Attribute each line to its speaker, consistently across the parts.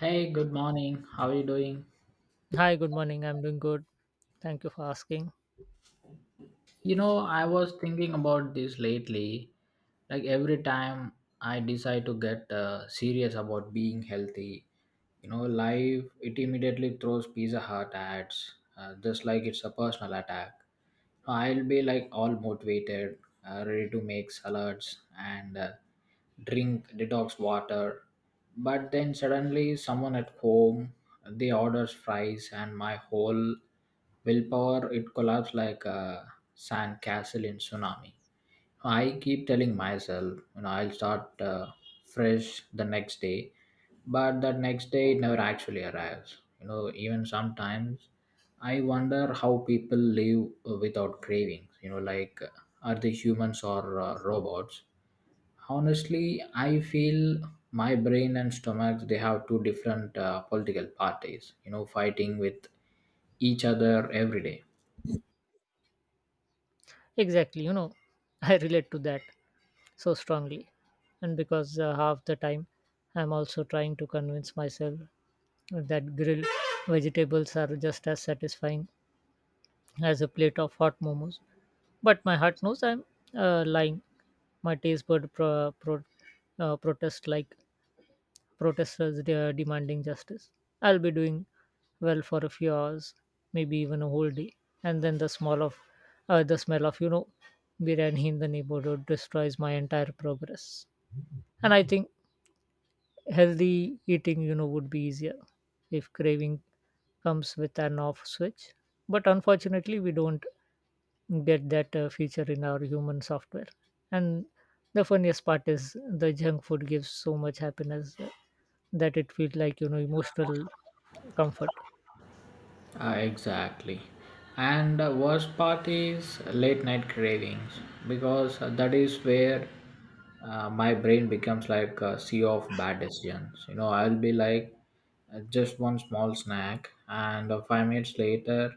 Speaker 1: Hey, good morning. How are you doing?
Speaker 2: Hi, good morning. I'm doing good. Thank you for asking.
Speaker 1: I was thinking about this lately. Like every time I decide to get serious about being healthy, life it immediately throws Pizza Hut ads, just like it's a personal attack. I'll be like all motivated, ready to make salads and drink detox water. But then suddenly, someone at home they orders fries, and my whole willpower it collapsed like a sand castle in tsunami. I keep telling myself, I'll start fresh the next day, but that next day it never actually arrives. Even sometimes I wonder how people live without cravings. Like, are they humans or robots? Honestly, I feel my brain and stomachs they have two different political parties, fighting with each other every day.
Speaker 2: Exactly, I relate to that so strongly. And because half the time I'm also trying to convince myself that grilled vegetables are just as satisfying as a plate of hot momos. But my heart knows I'm lying. My taste bud protest like protesters demanding justice. I'll be doing well for a few hours, maybe even a whole day, and then the smell of you know biryani in the neighborhood destroys my entire progress. And I think healthy eating would be easier if craving comes with an off switch. But unfortunately, we don't get that feature in our human software. And the funniest part is the junk food gives so much happiness that it feels like emotional comfort.
Speaker 1: Exactly. And the worst part is late night cravings, because that is where my brain becomes like a sea of bad decisions. I'll be like just one small snack, and 5 minutes later,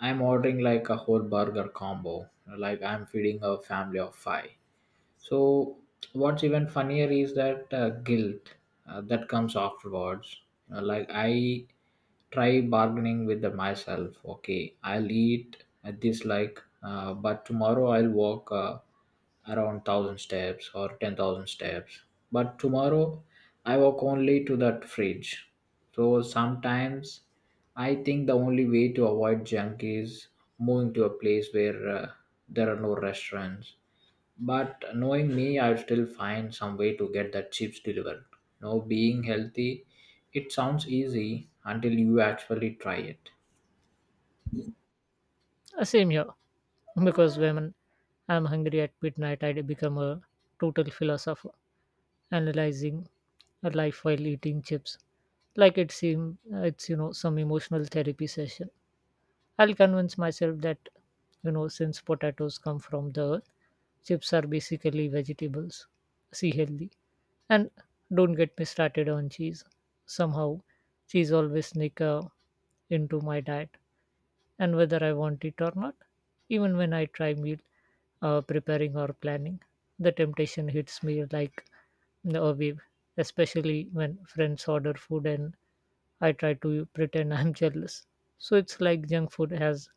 Speaker 1: I'm ordering like a whole burger combo. Like I'm feeding a family of five. So, what's even funnier is that guilt that comes afterwards. Like I try bargaining with the myself. Okay, I'll eat at this like, but tomorrow I'll walk around 1,000 steps or 10,000 steps. But tomorrow I walk only to that fridge. So sometimes I think the only way to avoid junk is moving to a place where there are no restaurants, but knowing me, I'll still find some way to get that chips delivered. No, being healthy, it sounds easy until you actually try it.
Speaker 2: Same here, because when I'm hungry at midnight, I become a total philosopher, analyzing a life while eating chips. Like it seems it's some emotional therapy session. I'll convince myself that since potatoes come from the earth, chips are basically vegetables. See healthy and don't get me started on cheese. Somehow, cheese always sneak into my diet and whether I want it or not. Even when I try meal preparing or planning, the temptation hits me like a wave, especially when friends order food and I try to pretend I'm jealous. So it's like junk food has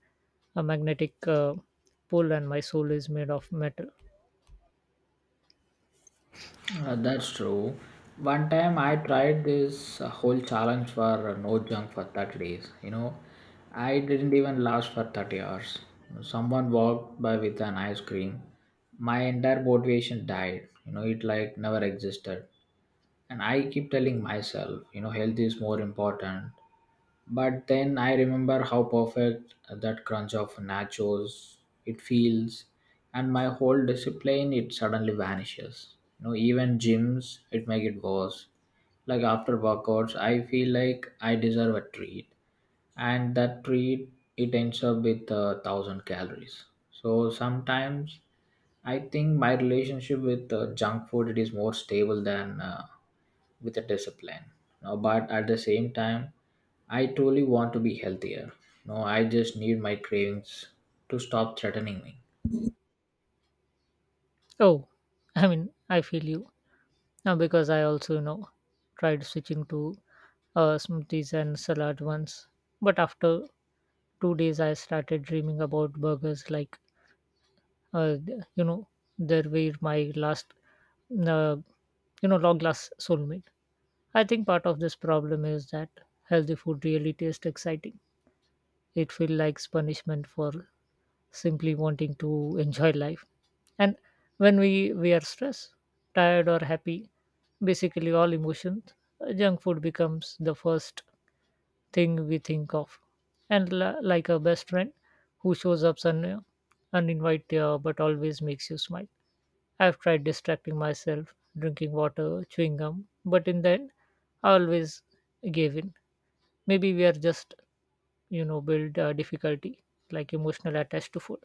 Speaker 2: a magnetic pull and my soul is made of metal.
Speaker 1: That's true. One time I tried this whole challenge for no junk for 30 days. I didn't even last for 30 hours. Someone walked by with an ice cream. My entire motivation died. It like never existed. And I keep telling myself, health is more important. But then I remember how perfect that crunch of nachos it feels, and my whole discipline it suddenly vanishes. Even gyms it make it worse. Like after workouts, I feel like I deserve a treat, and that treat it ends up with 1,000 calories. So sometimes I think my relationship with junk food it is more stable than with a discipline. No, but at the same time, I truly want to be healthier. No, I just need my cravings to stop threatening me.
Speaker 2: Oh, I mean, I feel you. Now, because I also tried switching to smoothies and salad once, but after 2 days I started dreaming about burgers like uh, th- you know there were my last uh, long lost soulmate. I think part of this problem is that healthy food really tastes exciting. It feels like punishment for simply wanting to enjoy life. And when we are stressed, tired or happy, basically all emotions, junk food becomes the first thing we think of and like a best friend who shows up uninvited but always makes you smile. I've tried distracting myself, drinking water, chewing gum, but in the end I always gave in. Maybe we are just build difficulty, like emotional attached to food.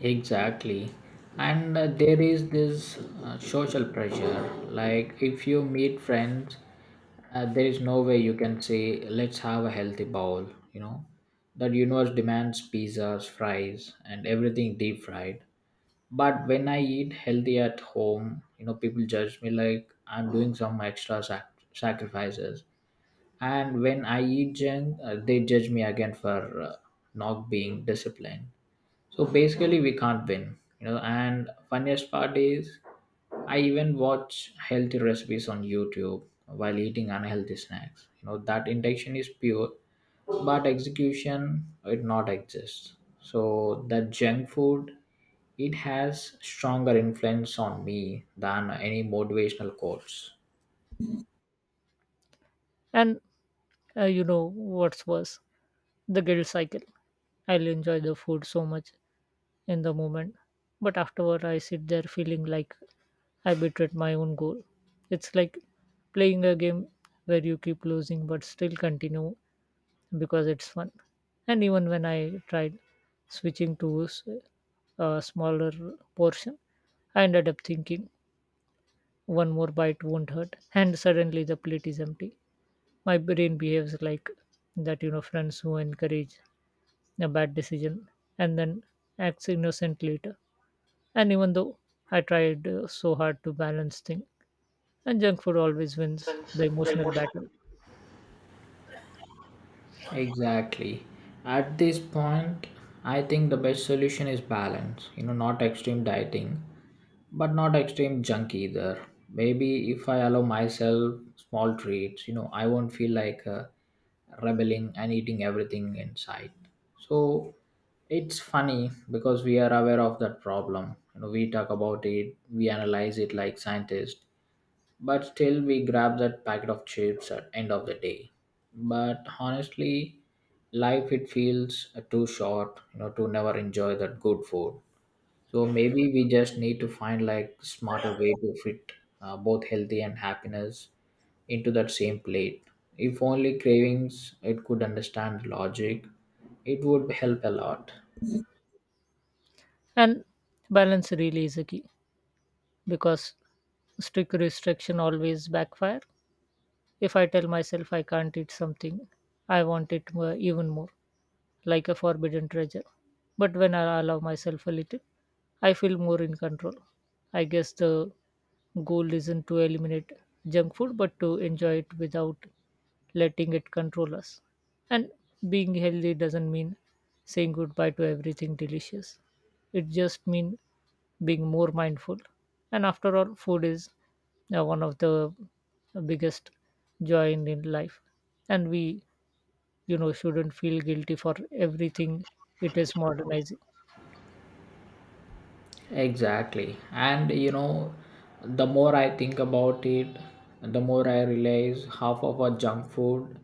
Speaker 1: Exactly. And there is this social pressure. Like, if you meet friends, there is no way you can say, let's have a healthy bowl. That universe demands pizzas, fries, and everything deep fried. But when I eat healthy at home, people judge me like I'm doing some extra sacrifices. And when I eat junk, they judge me again for not being disciplined. So basically, we can't win. And funniest part is, I even watch healthy recipes on YouTube while eating unhealthy snacks. You know that intention is pure, but execution it not exists. So that junk food it has stronger influence on me than any motivational quotes.
Speaker 2: And you know what's worse, the guilt cycle. I'll enjoy the food so much in the moment, but afterward I sit there feeling like I betrayed my own goal. It's like playing a game where you keep losing but still continue because it's fun. And even when I tried switching to a smaller portion, I ended up thinking one more bite won't hurt, and suddenly the plate is empty. My brain behaves like that, friends who encourage a bad decision and then acts innocent later. And even though I tried so hard to balance things, and junk food always wins the emotional battle.
Speaker 1: Exactly. At this point, I think the best solution is balance. Not extreme dieting, but not extreme junk either. Maybe if I allow myself small treats, I won't feel like rebelling and eating everything in sight. So it's funny because we are aware of that problem. We talk about it, we analyze it like scientists, but still we grab that packet of chips at end of the day. But honestly, life it feels too short, to never enjoy that good food. So maybe we just need to find like smarter way to fit both healthy and happiness into that same plate. If only cravings it could understand logic, it would help a lot.
Speaker 2: And balance really is a key, because strict restriction always backfire. If I tell myself I can't eat something, I want it more, even more, like a forbidden treasure. But when I allow myself a little, I feel more in control. I guess the goal isn't to eliminate junk food, but to enjoy it without letting it control us. And being healthy doesn't mean saying goodbye to everything delicious. It just means being more mindful. And after all, food is one of the biggest joy in life. And we shouldn't feel guilty for everything it is modernizing.
Speaker 1: Exactly. And the more I think about it, the more I realize half of our junk food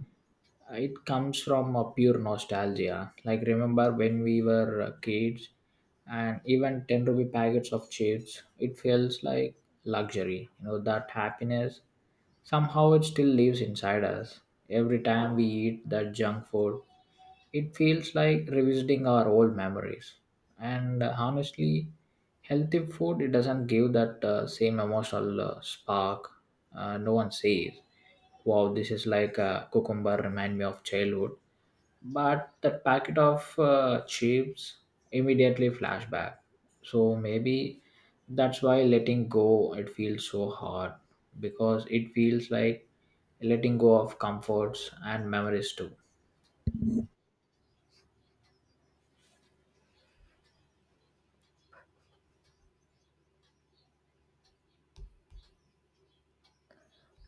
Speaker 1: it comes from a pure nostalgia. Like remember when we were kids, and even 10 rupee packets of chips, it feels like luxury. That happiness somehow it still lives inside us. Every time we eat that junk food, it feels like revisiting our old memories. And honestly, healthy food it doesn't give that same emotional spark. No one says, "Wow, this is like a cucumber. Remind me of childhood," but the packet of chips immediately flashback. So maybe that's why letting go it feels so hard, because it feels like letting go of comforts and memories too.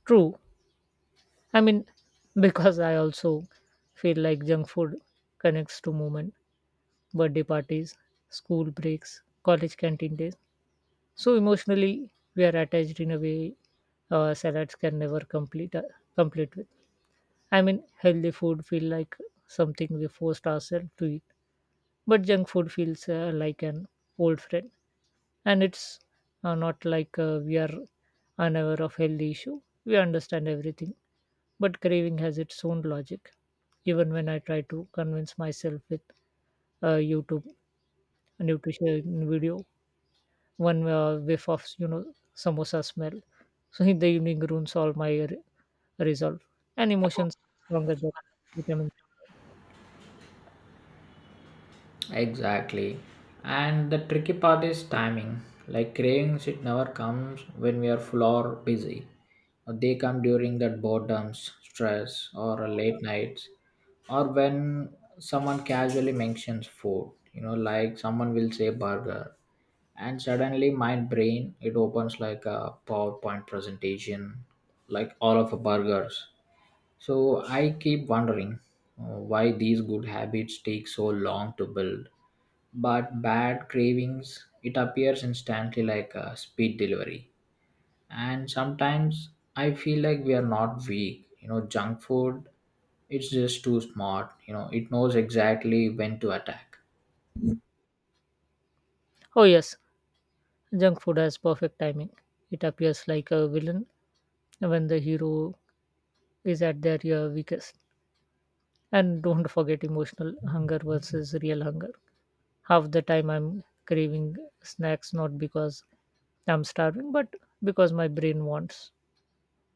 Speaker 2: True, I mean, because I also feel like junk food connects to movement, birthday parties, school breaks, college canteen days. So emotionally, we are attached in a way salads can never complete with. I mean, healthy food feel like something we forced ourselves to eat, but junk food feels like an old friend. And it's not like we are unaware of healthy issue, we understand everything, but craving has its own logic. Even when I try to convince myself with YouTube nutrition video, one whiff of samosa smell so in the evening ruins all my resolve, and emotions stronger than vitamin.
Speaker 1: Exactly. And the tricky part is timing. Like cravings, it never comes when we are full or busy. They come during that boredom, stress, or late nights, or when someone casually mentions food. Like someone will say burger, and suddenly my brain it opens like a PowerPoint presentation, like all of the burgers. So I keep wondering why these good habits take so long to build, but bad cravings it appears instantly like a speed delivery. And sometimes I feel like we are not weak, junk food it's just too smart, it knows exactly when to attack.
Speaker 2: Oh yes, junk food has perfect timing. It appears like a villain when the hero is at their weakest. And don't forget emotional hunger versus real hunger. Half the time I'm craving snacks not because I'm starving, but because my brain wants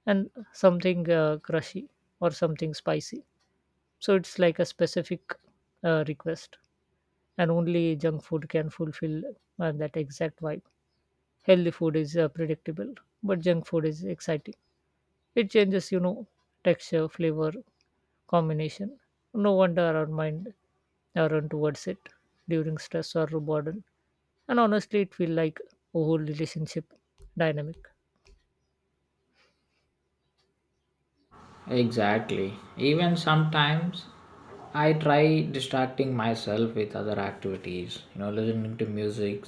Speaker 2: and something crushy or something spicy. So it's like a specific request, and only junk food can fulfill that exact vibe. Healthy food is predictable, but junk food is exciting. It changes texture, flavor, combination. No wonder our mind I run towards it during stress or boredom. And honestly, it feels like a whole relationship dynamic.
Speaker 1: Exactly, even sometimes I try distracting myself with other activities, listening to music,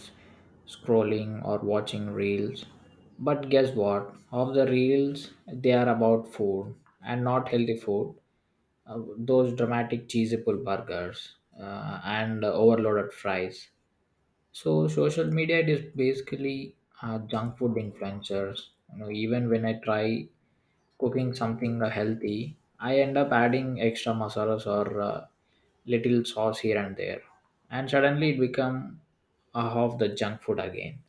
Speaker 1: scrolling or watching reels, but guess what, of the reels they are about food, and not healthy food, those dramatic cheesy pull burgers and overloaded fries. So social media it is basically junk food influencers. Even when I try cooking something healthy, I end up adding extra masalas or little sauce here and there, and suddenly it become half the junk food again.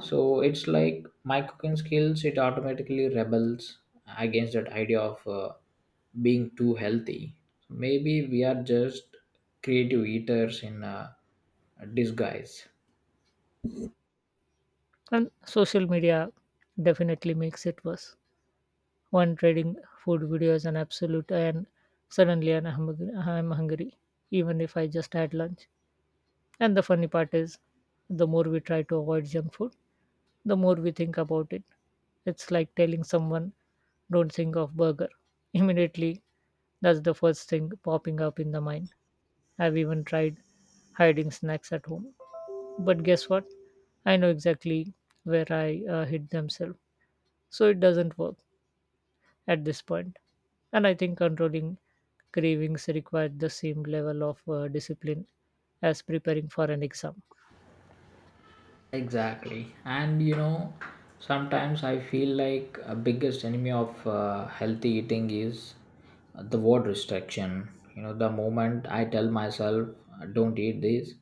Speaker 1: So it's like my cooking skills it automatically rebels against that idea of being too healthy. So, maybe we are just creative eaters in disguise.
Speaker 2: And social media definitely makes it worse. One trading food videos and absolute, and suddenly I'm hungry, even if I just had lunch. And the funny part is, the more we try to avoid junk food, the more we think about it. It's like telling someone, don't think of burger. Immediately, that's the first thing popping up in the mind. I've even tried hiding snacks at home. But guess what? I know exactly where I hid themselves. So it doesn't work at this point. And I think controlling cravings requires the same level of discipline as preparing for an exam.
Speaker 1: Exactly. And sometimes I feel like a biggest enemy of healthy eating is the word restriction. The moment I tell myself, don't eat this,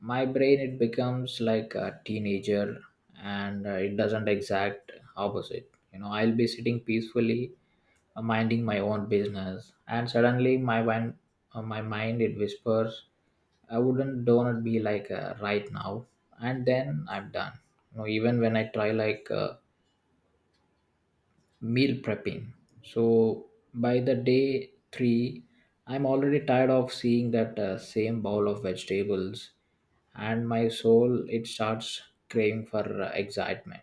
Speaker 1: my brain it becomes like a teenager and it doesn't exact opposite. I'll be sitting peacefully minding my own business, and suddenly my mind it whispers, "I wouldn't do not be like right now," and then I'm done. Even when I try like meal prepping, so by the day three, I'm already tired of seeing that same bowl of vegetables, and my soul it starts craving for excitement.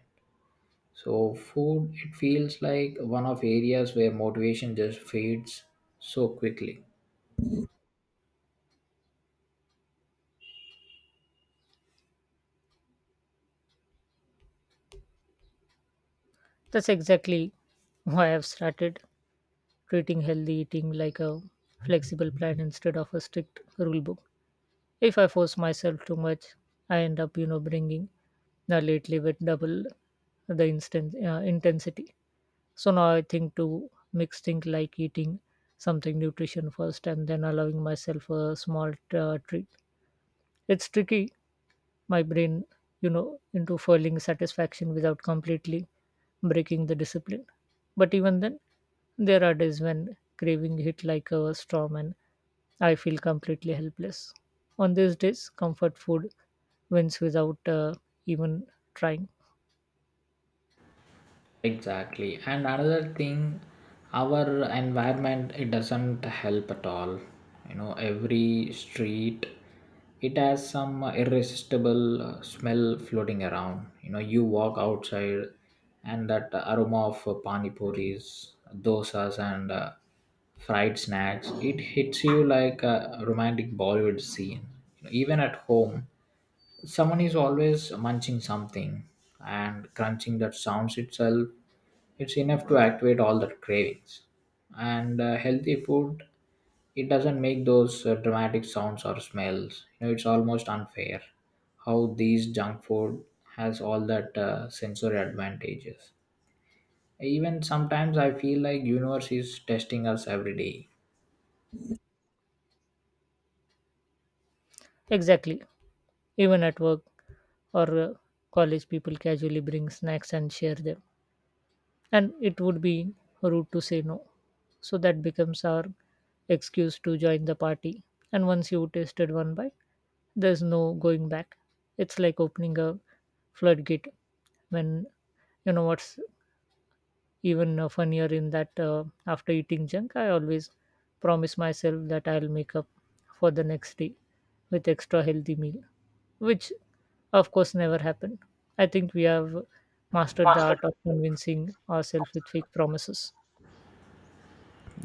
Speaker 1: So food, it feels like one of areas where motivation just fades so quickly.
Speaker 2: That's exactly why I've started treating healthy eating like a flexible plan instead of a strict rule book. If I force myself too much, I end up bringing lately with double the instant intensity. So now I think to mix things like eating something nutrition first and then allowing myself a small treat. It's tricky my brain into feeling satisfaction without completely breaking the discipline. But even then, there are days when craving hit like a storm and I feel completely helpless. On these days, comfort food wins without even trying.
Speaker 1: Exactly. And another thing, our environment it doesn't help at all. Every street it has some irresistible smell floating around. You walk outside and that aroma of pani puris, dosas and fried snacks, it hits you like a romantic Bollywood scene. Even at home, someone is always munching something, and crunching that sounds itself. It's enough to activate all the cravings. And healthy food, it doesn't make those dramatic sounds or smells. It's almost unfair how these junk food has all that sensory advantages. Even sometimes I feel like universe is testing us every day.
Speaker 2: Exactly. Even at work or college, people casually bring snacks and share them. And it would be rude to say no. So that becomes our excuse to join the party, and once you tasted one bite, there's no going back. It's like opening a floodgate. When what's even funnier in that after eating junk, I always promise myself that I'll make up for the next day with extra healthy meal, which of course never happened. I think we have mastered the
Speaker 1: Master.
Speaker 2: art of convincing ourselves with fake promises.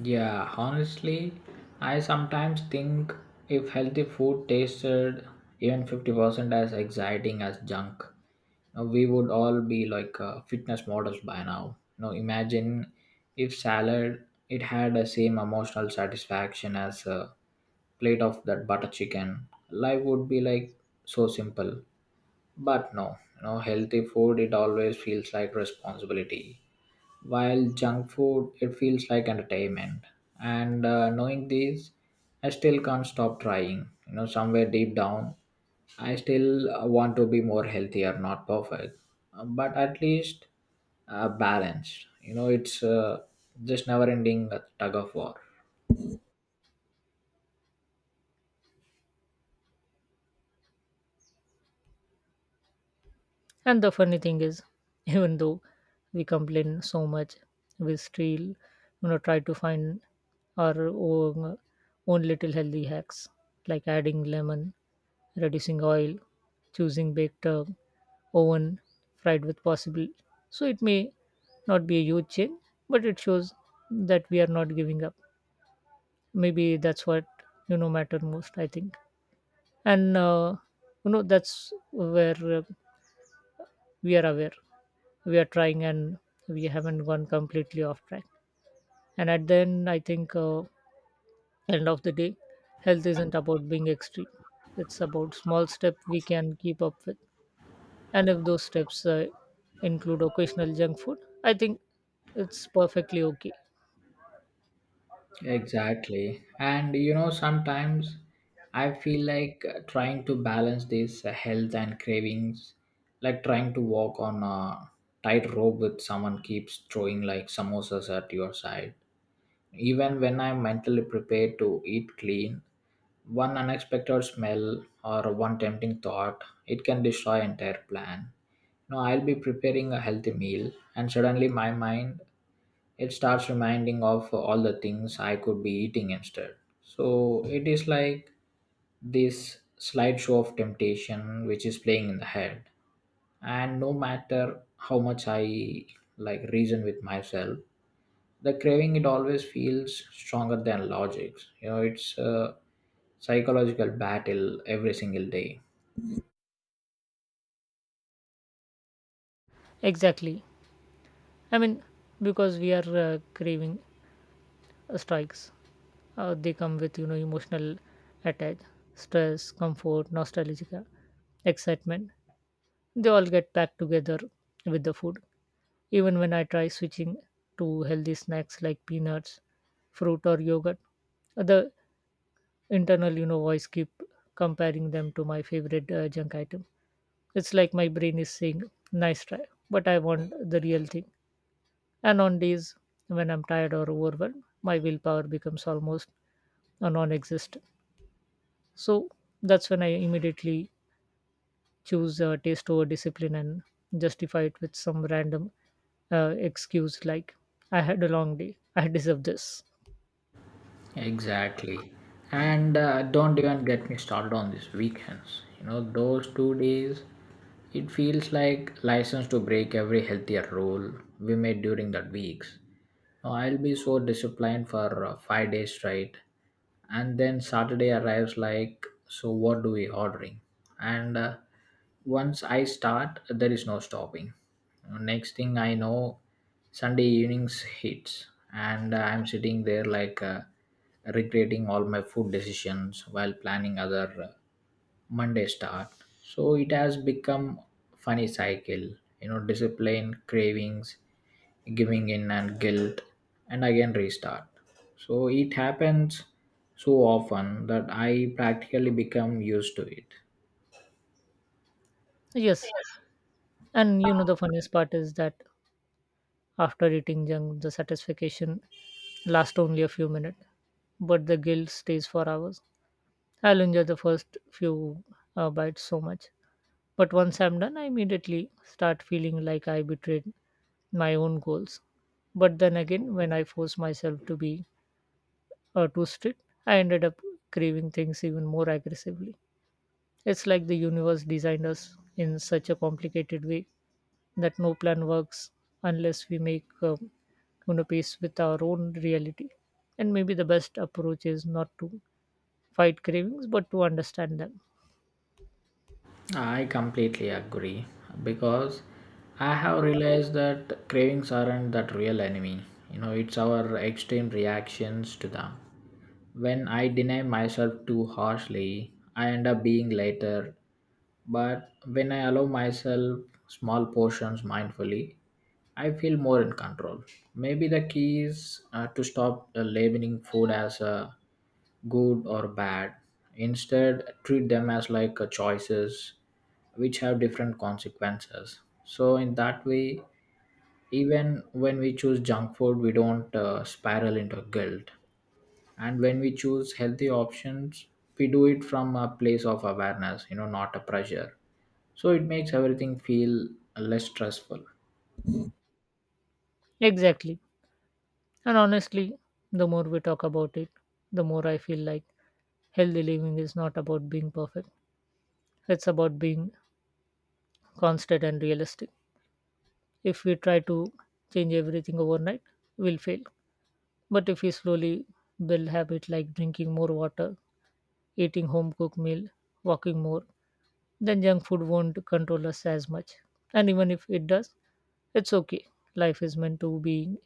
Speaker 1: Yeah, honestly, I sometimes think if healthy food tasted even 50% as exciting as junk, we would all be like fitness models by now. Imagine if salad it had the same emotional satisfaction as a plate of that butter chicken. Life would be like so simple. But no, healthy food it always feels like responsibility, while junk food it feels like entertainment. And knowing this, I still can't stop trying. Somewhere deep down, I still want to be more healthier, not perfect, but at least balanced. It's just never-ending tug of war.
Speaker 2: And the funny thing is, even though we complain so much, we still try to find our own little healthy hacks, like adding lemon, reducing oil, choosing baked oven, fried with possible. So it may not be a huge change, but it shows that we are not giving up. Maybe that's what matter most, I think. And that's where we are aware we are trying and we haven't gone completely off track. And at the end I think end of the day, health isn't about being extreme, it's about small steps we can keep up with, and if those steps include occasional junk food, I think it's perfectly okay.
Speaker 1: Exactly. And sometimes I feel like trying to balance this health and cravings, like trying to walk on a tightrope with someone keeps throwing like samosas at your side. Even when I'm mentally prepared to eat clean, one unexpected smell or one tempting thought, it can destroy entire plan. No, I'll be preparing a healthy meal, and suddenly my mind it starts reminding of all the things I could be eating instead. So it is like this slideshow of temptation which is playing in the head. And no matter how much I like reason with myself, the craving it always feels stronger than logics. It's a psychological battle every single day.
Speaker 2: Exactly. I mean, because we are craving strikes, they come with emotional attach, stress, comfort, nostalgia, excitement. They all get packed together with the food. Even when I try switching to healthy snacks like peanuts, fruit, or yogurt, the internal voice keep comparing them to my favorite junk item. It's like my brain is saying, "Nice try," but I want the real thing. And on days when I'm tired or overwhelmed, my willpower becomes almost non-existent. So that's when I immediately choose taste over discipline and justify it with some random excuse, like I had a long day, I deserve this.
Speaker 1: Exactly. And don't even get me started on these weekends. You know, those 2 days, it feels like license to break every healthier rule we made during that weeks. Now, I'll be so disciplined for 5 days straight, and then Saturday arrives like, so what do we ordering? And once I start, there is no stopping. Next thing I know, Sunday evenings hits, and I'm sitting there regretting all my food decisions while planning other. Monday start. So it has become funny cycle, you know, discipline, cravings, giving in and guilt, and again restart. So it happens so often that I practically become used to it.
Speaker 2: Yes, and you know the funniest part is that after eating junk the satisfaction lasts only a few minutes, but the guilt stays for hours. I'll enjoy the first few bites so much, but once I'm done I immediately start feeling like I betrayed my own goals. But then again, when I force myself to be too strict, I ended up craving things even more aggressively. It's like the universe designed us in such a complicated way that no plan works unless we make peace with our own reality. And maybe the best approach is not to fight cravings but to understand them.
Speaker 1: I completely agree because I have realized that cravings aren't that real enemy. You know, it's our extreme reactions to them. When I deny myself too harshly, I end up being later. But when I allow myself small portions mindfully, I feel more in control. Maybe the key is to stop labeling food as a good or bad. Instead, treat them as like choices which have different consequences. So, in that way, even when we choose junk food, we don't spiral into guilt. And when we choose healthy options, we do it from a place of awareness, you know, not a pressure. So, it makes everything feel less stressful.
Speaker 2: Exactly. And honestly, the more we talk about it, the more I feel like healthy living is not about being perfect, it's about being constant and realistic. If we try to change everything overnight, we'll fail. But if we slowly build habits like drinking more water, eating home cooked meal, walking more, then junk food won't control us as much. And even if it does, it's okay. Life is meant to be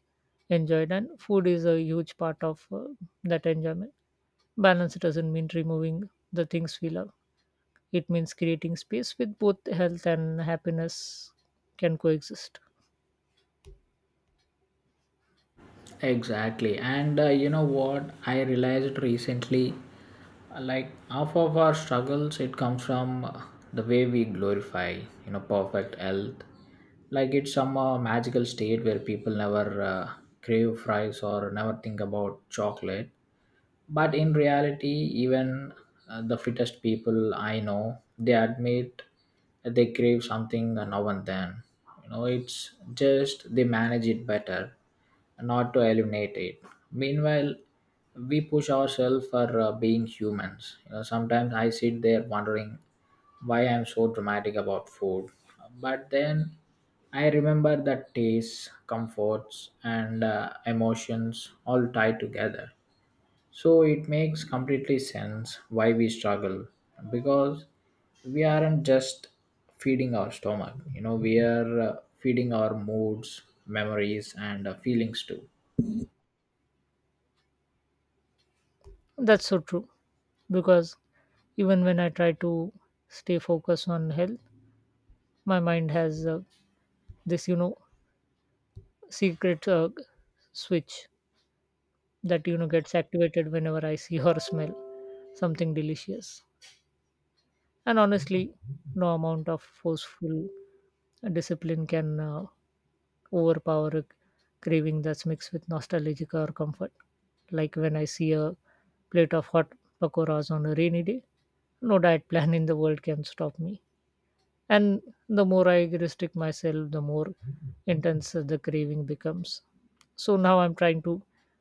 Speaker 2: enjoyed, and food is a huge part of that enjoyment. Balance doesn't mean removing the things we love, it means creating space with both health and happiness can coexist.
Speaker 1: Exactly. And you know what? I realized recently like half of our struggles it comes from the way we glorify, you know, perfect health, like it's some magical state where people never crave fries or never think about chocolate. But in reality, even the fittest people I know, they admit that they crave something now and then. You know, it's just they manage it better, not to eliminate it. Meanwhile, we push ourselves for being humans. You know, sometimes I sit there wondering why I'm so dramatic about food, but then I remember that tastes, comforts and emotions all tie together. So it makes completely sense why we struggle, because we aren't just feeding our stomach. You know, we are feeding our moods, memories, and feelings too.
Speaker 2: That's so true, because even when I try to stay focused on health, my mind has this secret switch that gets activated whenever I see or smell something delicious. And honestly, no amount of forceful discipline can overpower a craving that's mixed with nostalgia or comfort, like when I see a plate of hot pakoras on a rainy day, no diet plan in the world can stop me. And the more I restrict myself, the more intense the craving becomes. So now I'm trying to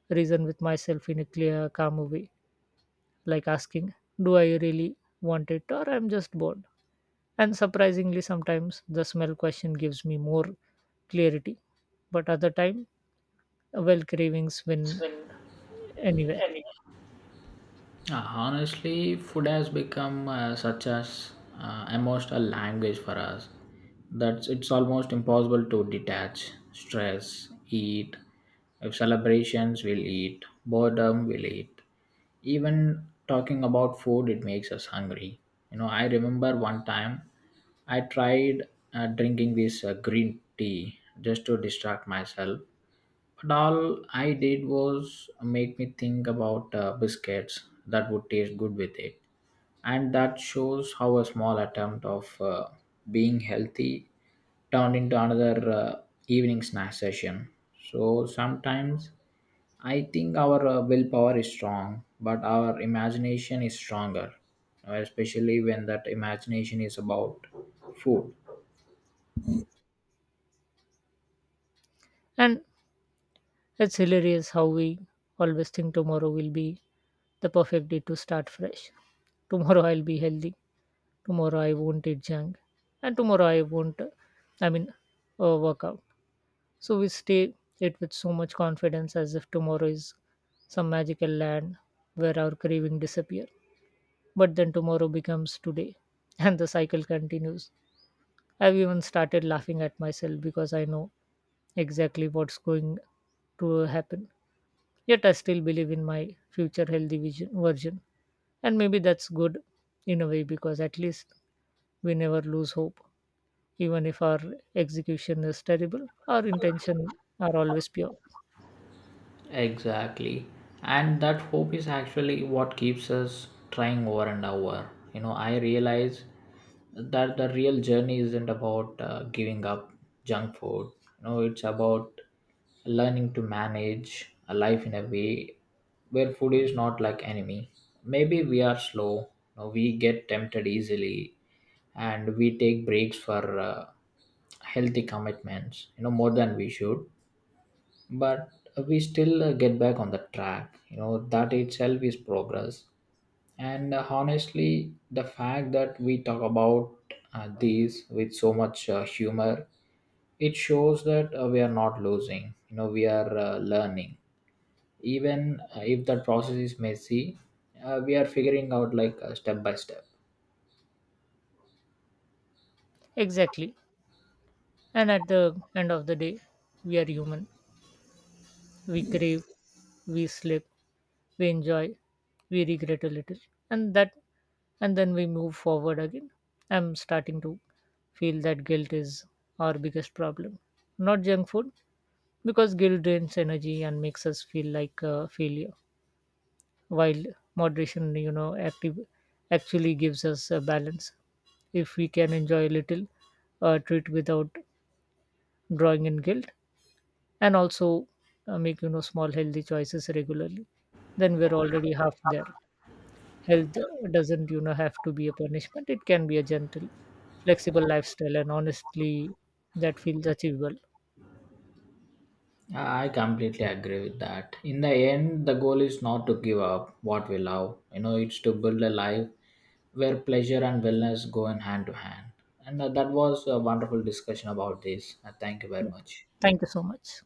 Speaker 2: reason with myself in a clear, calm way, like asking, do I really want it or I'm just bored? And surprisingly, sometimes the smell question gives me more clarity, but other time, well, cravings
Speaker 1: It's
Speaker 2: win
Speaker 1: been
Speaker 2: anyway.
Speaker 1: Honestly, food has become such as emotional language for us that it's almost impossible to detach. Stress, eat. If celebrations, we'll eat. Boredom, we'll eat. Even talking about food, it makes us hungry. You know, I remember one time I tried drinking this green tea just to distract myself, but all I did was make me think about biscuits that would taste good with it. And that shows how a small attempt of being healthy turned into another evening snack session. So sometimes I think our willpower is strong, but our imagination is stronger, especially when that imagination is about food.
Speaker 2: And it's hilarious how we always think tomorrow will be the perfect day to start fresh. Tomorrow I'll be healthy. Tomorrow I won't eat junk. And tomorrow I won't, I mean, work out. So we stay it with so much confidence as if tomorrow is some magical land where our craving disappear. But then tomorrow becomes today and the cycle continues. I've even started laughing at myself because I know exactly what's going to happen. Yet I still believe in my future healthy version. And maybe that's good in a way, because at least we never lose hope, even if our execution is terrible, our intention are always pure.
Speaker 1: Exactly. And that hope is actually what keeps us trying over and over. You know, I realize that the real journey isn't about giving up junk food. You know, it's about learning to manage a life in a way where food is not like enemy. Maybe we are slow, you know, we get tempted easily, and we take breaks for healthy commitments, you know, more than we should, but we still get back on the track. You know, that itself is progress. And honestly, the fact that we talk about these with so much humor, it shows that we are not losing. You know, we are learning, even if that process is messy. We are figuring out like step by step.
Speaker 2: Exactly. And at the end of the day, we are human. We crave, we slip, we enjoy, we regret a little. And that and then we move forward again. I'm starting to feel that guilt is our biggest problem. Not junk food, because guilt drains energy and makes us feel like a failure, while moderation active actually gives us a balance. If we can enjoy a little treat without drawing in guilt, and also make small healthy choices regularly, then we're already half there. Health doesn't have to be a punishment, it can be a gentle flexible lifestyle, and honestly that feels achievable.
Speaker 1: I completely agree with that. In the end, the goal is not to give up what we love. You know, it's to build a life where pleasure and wellness go in hand to hand. And that was a wonderful discussion about this. Thank you very
Speaker 2: Yeah.
Speaker 1: much.
Speaker 2: Thank you so much.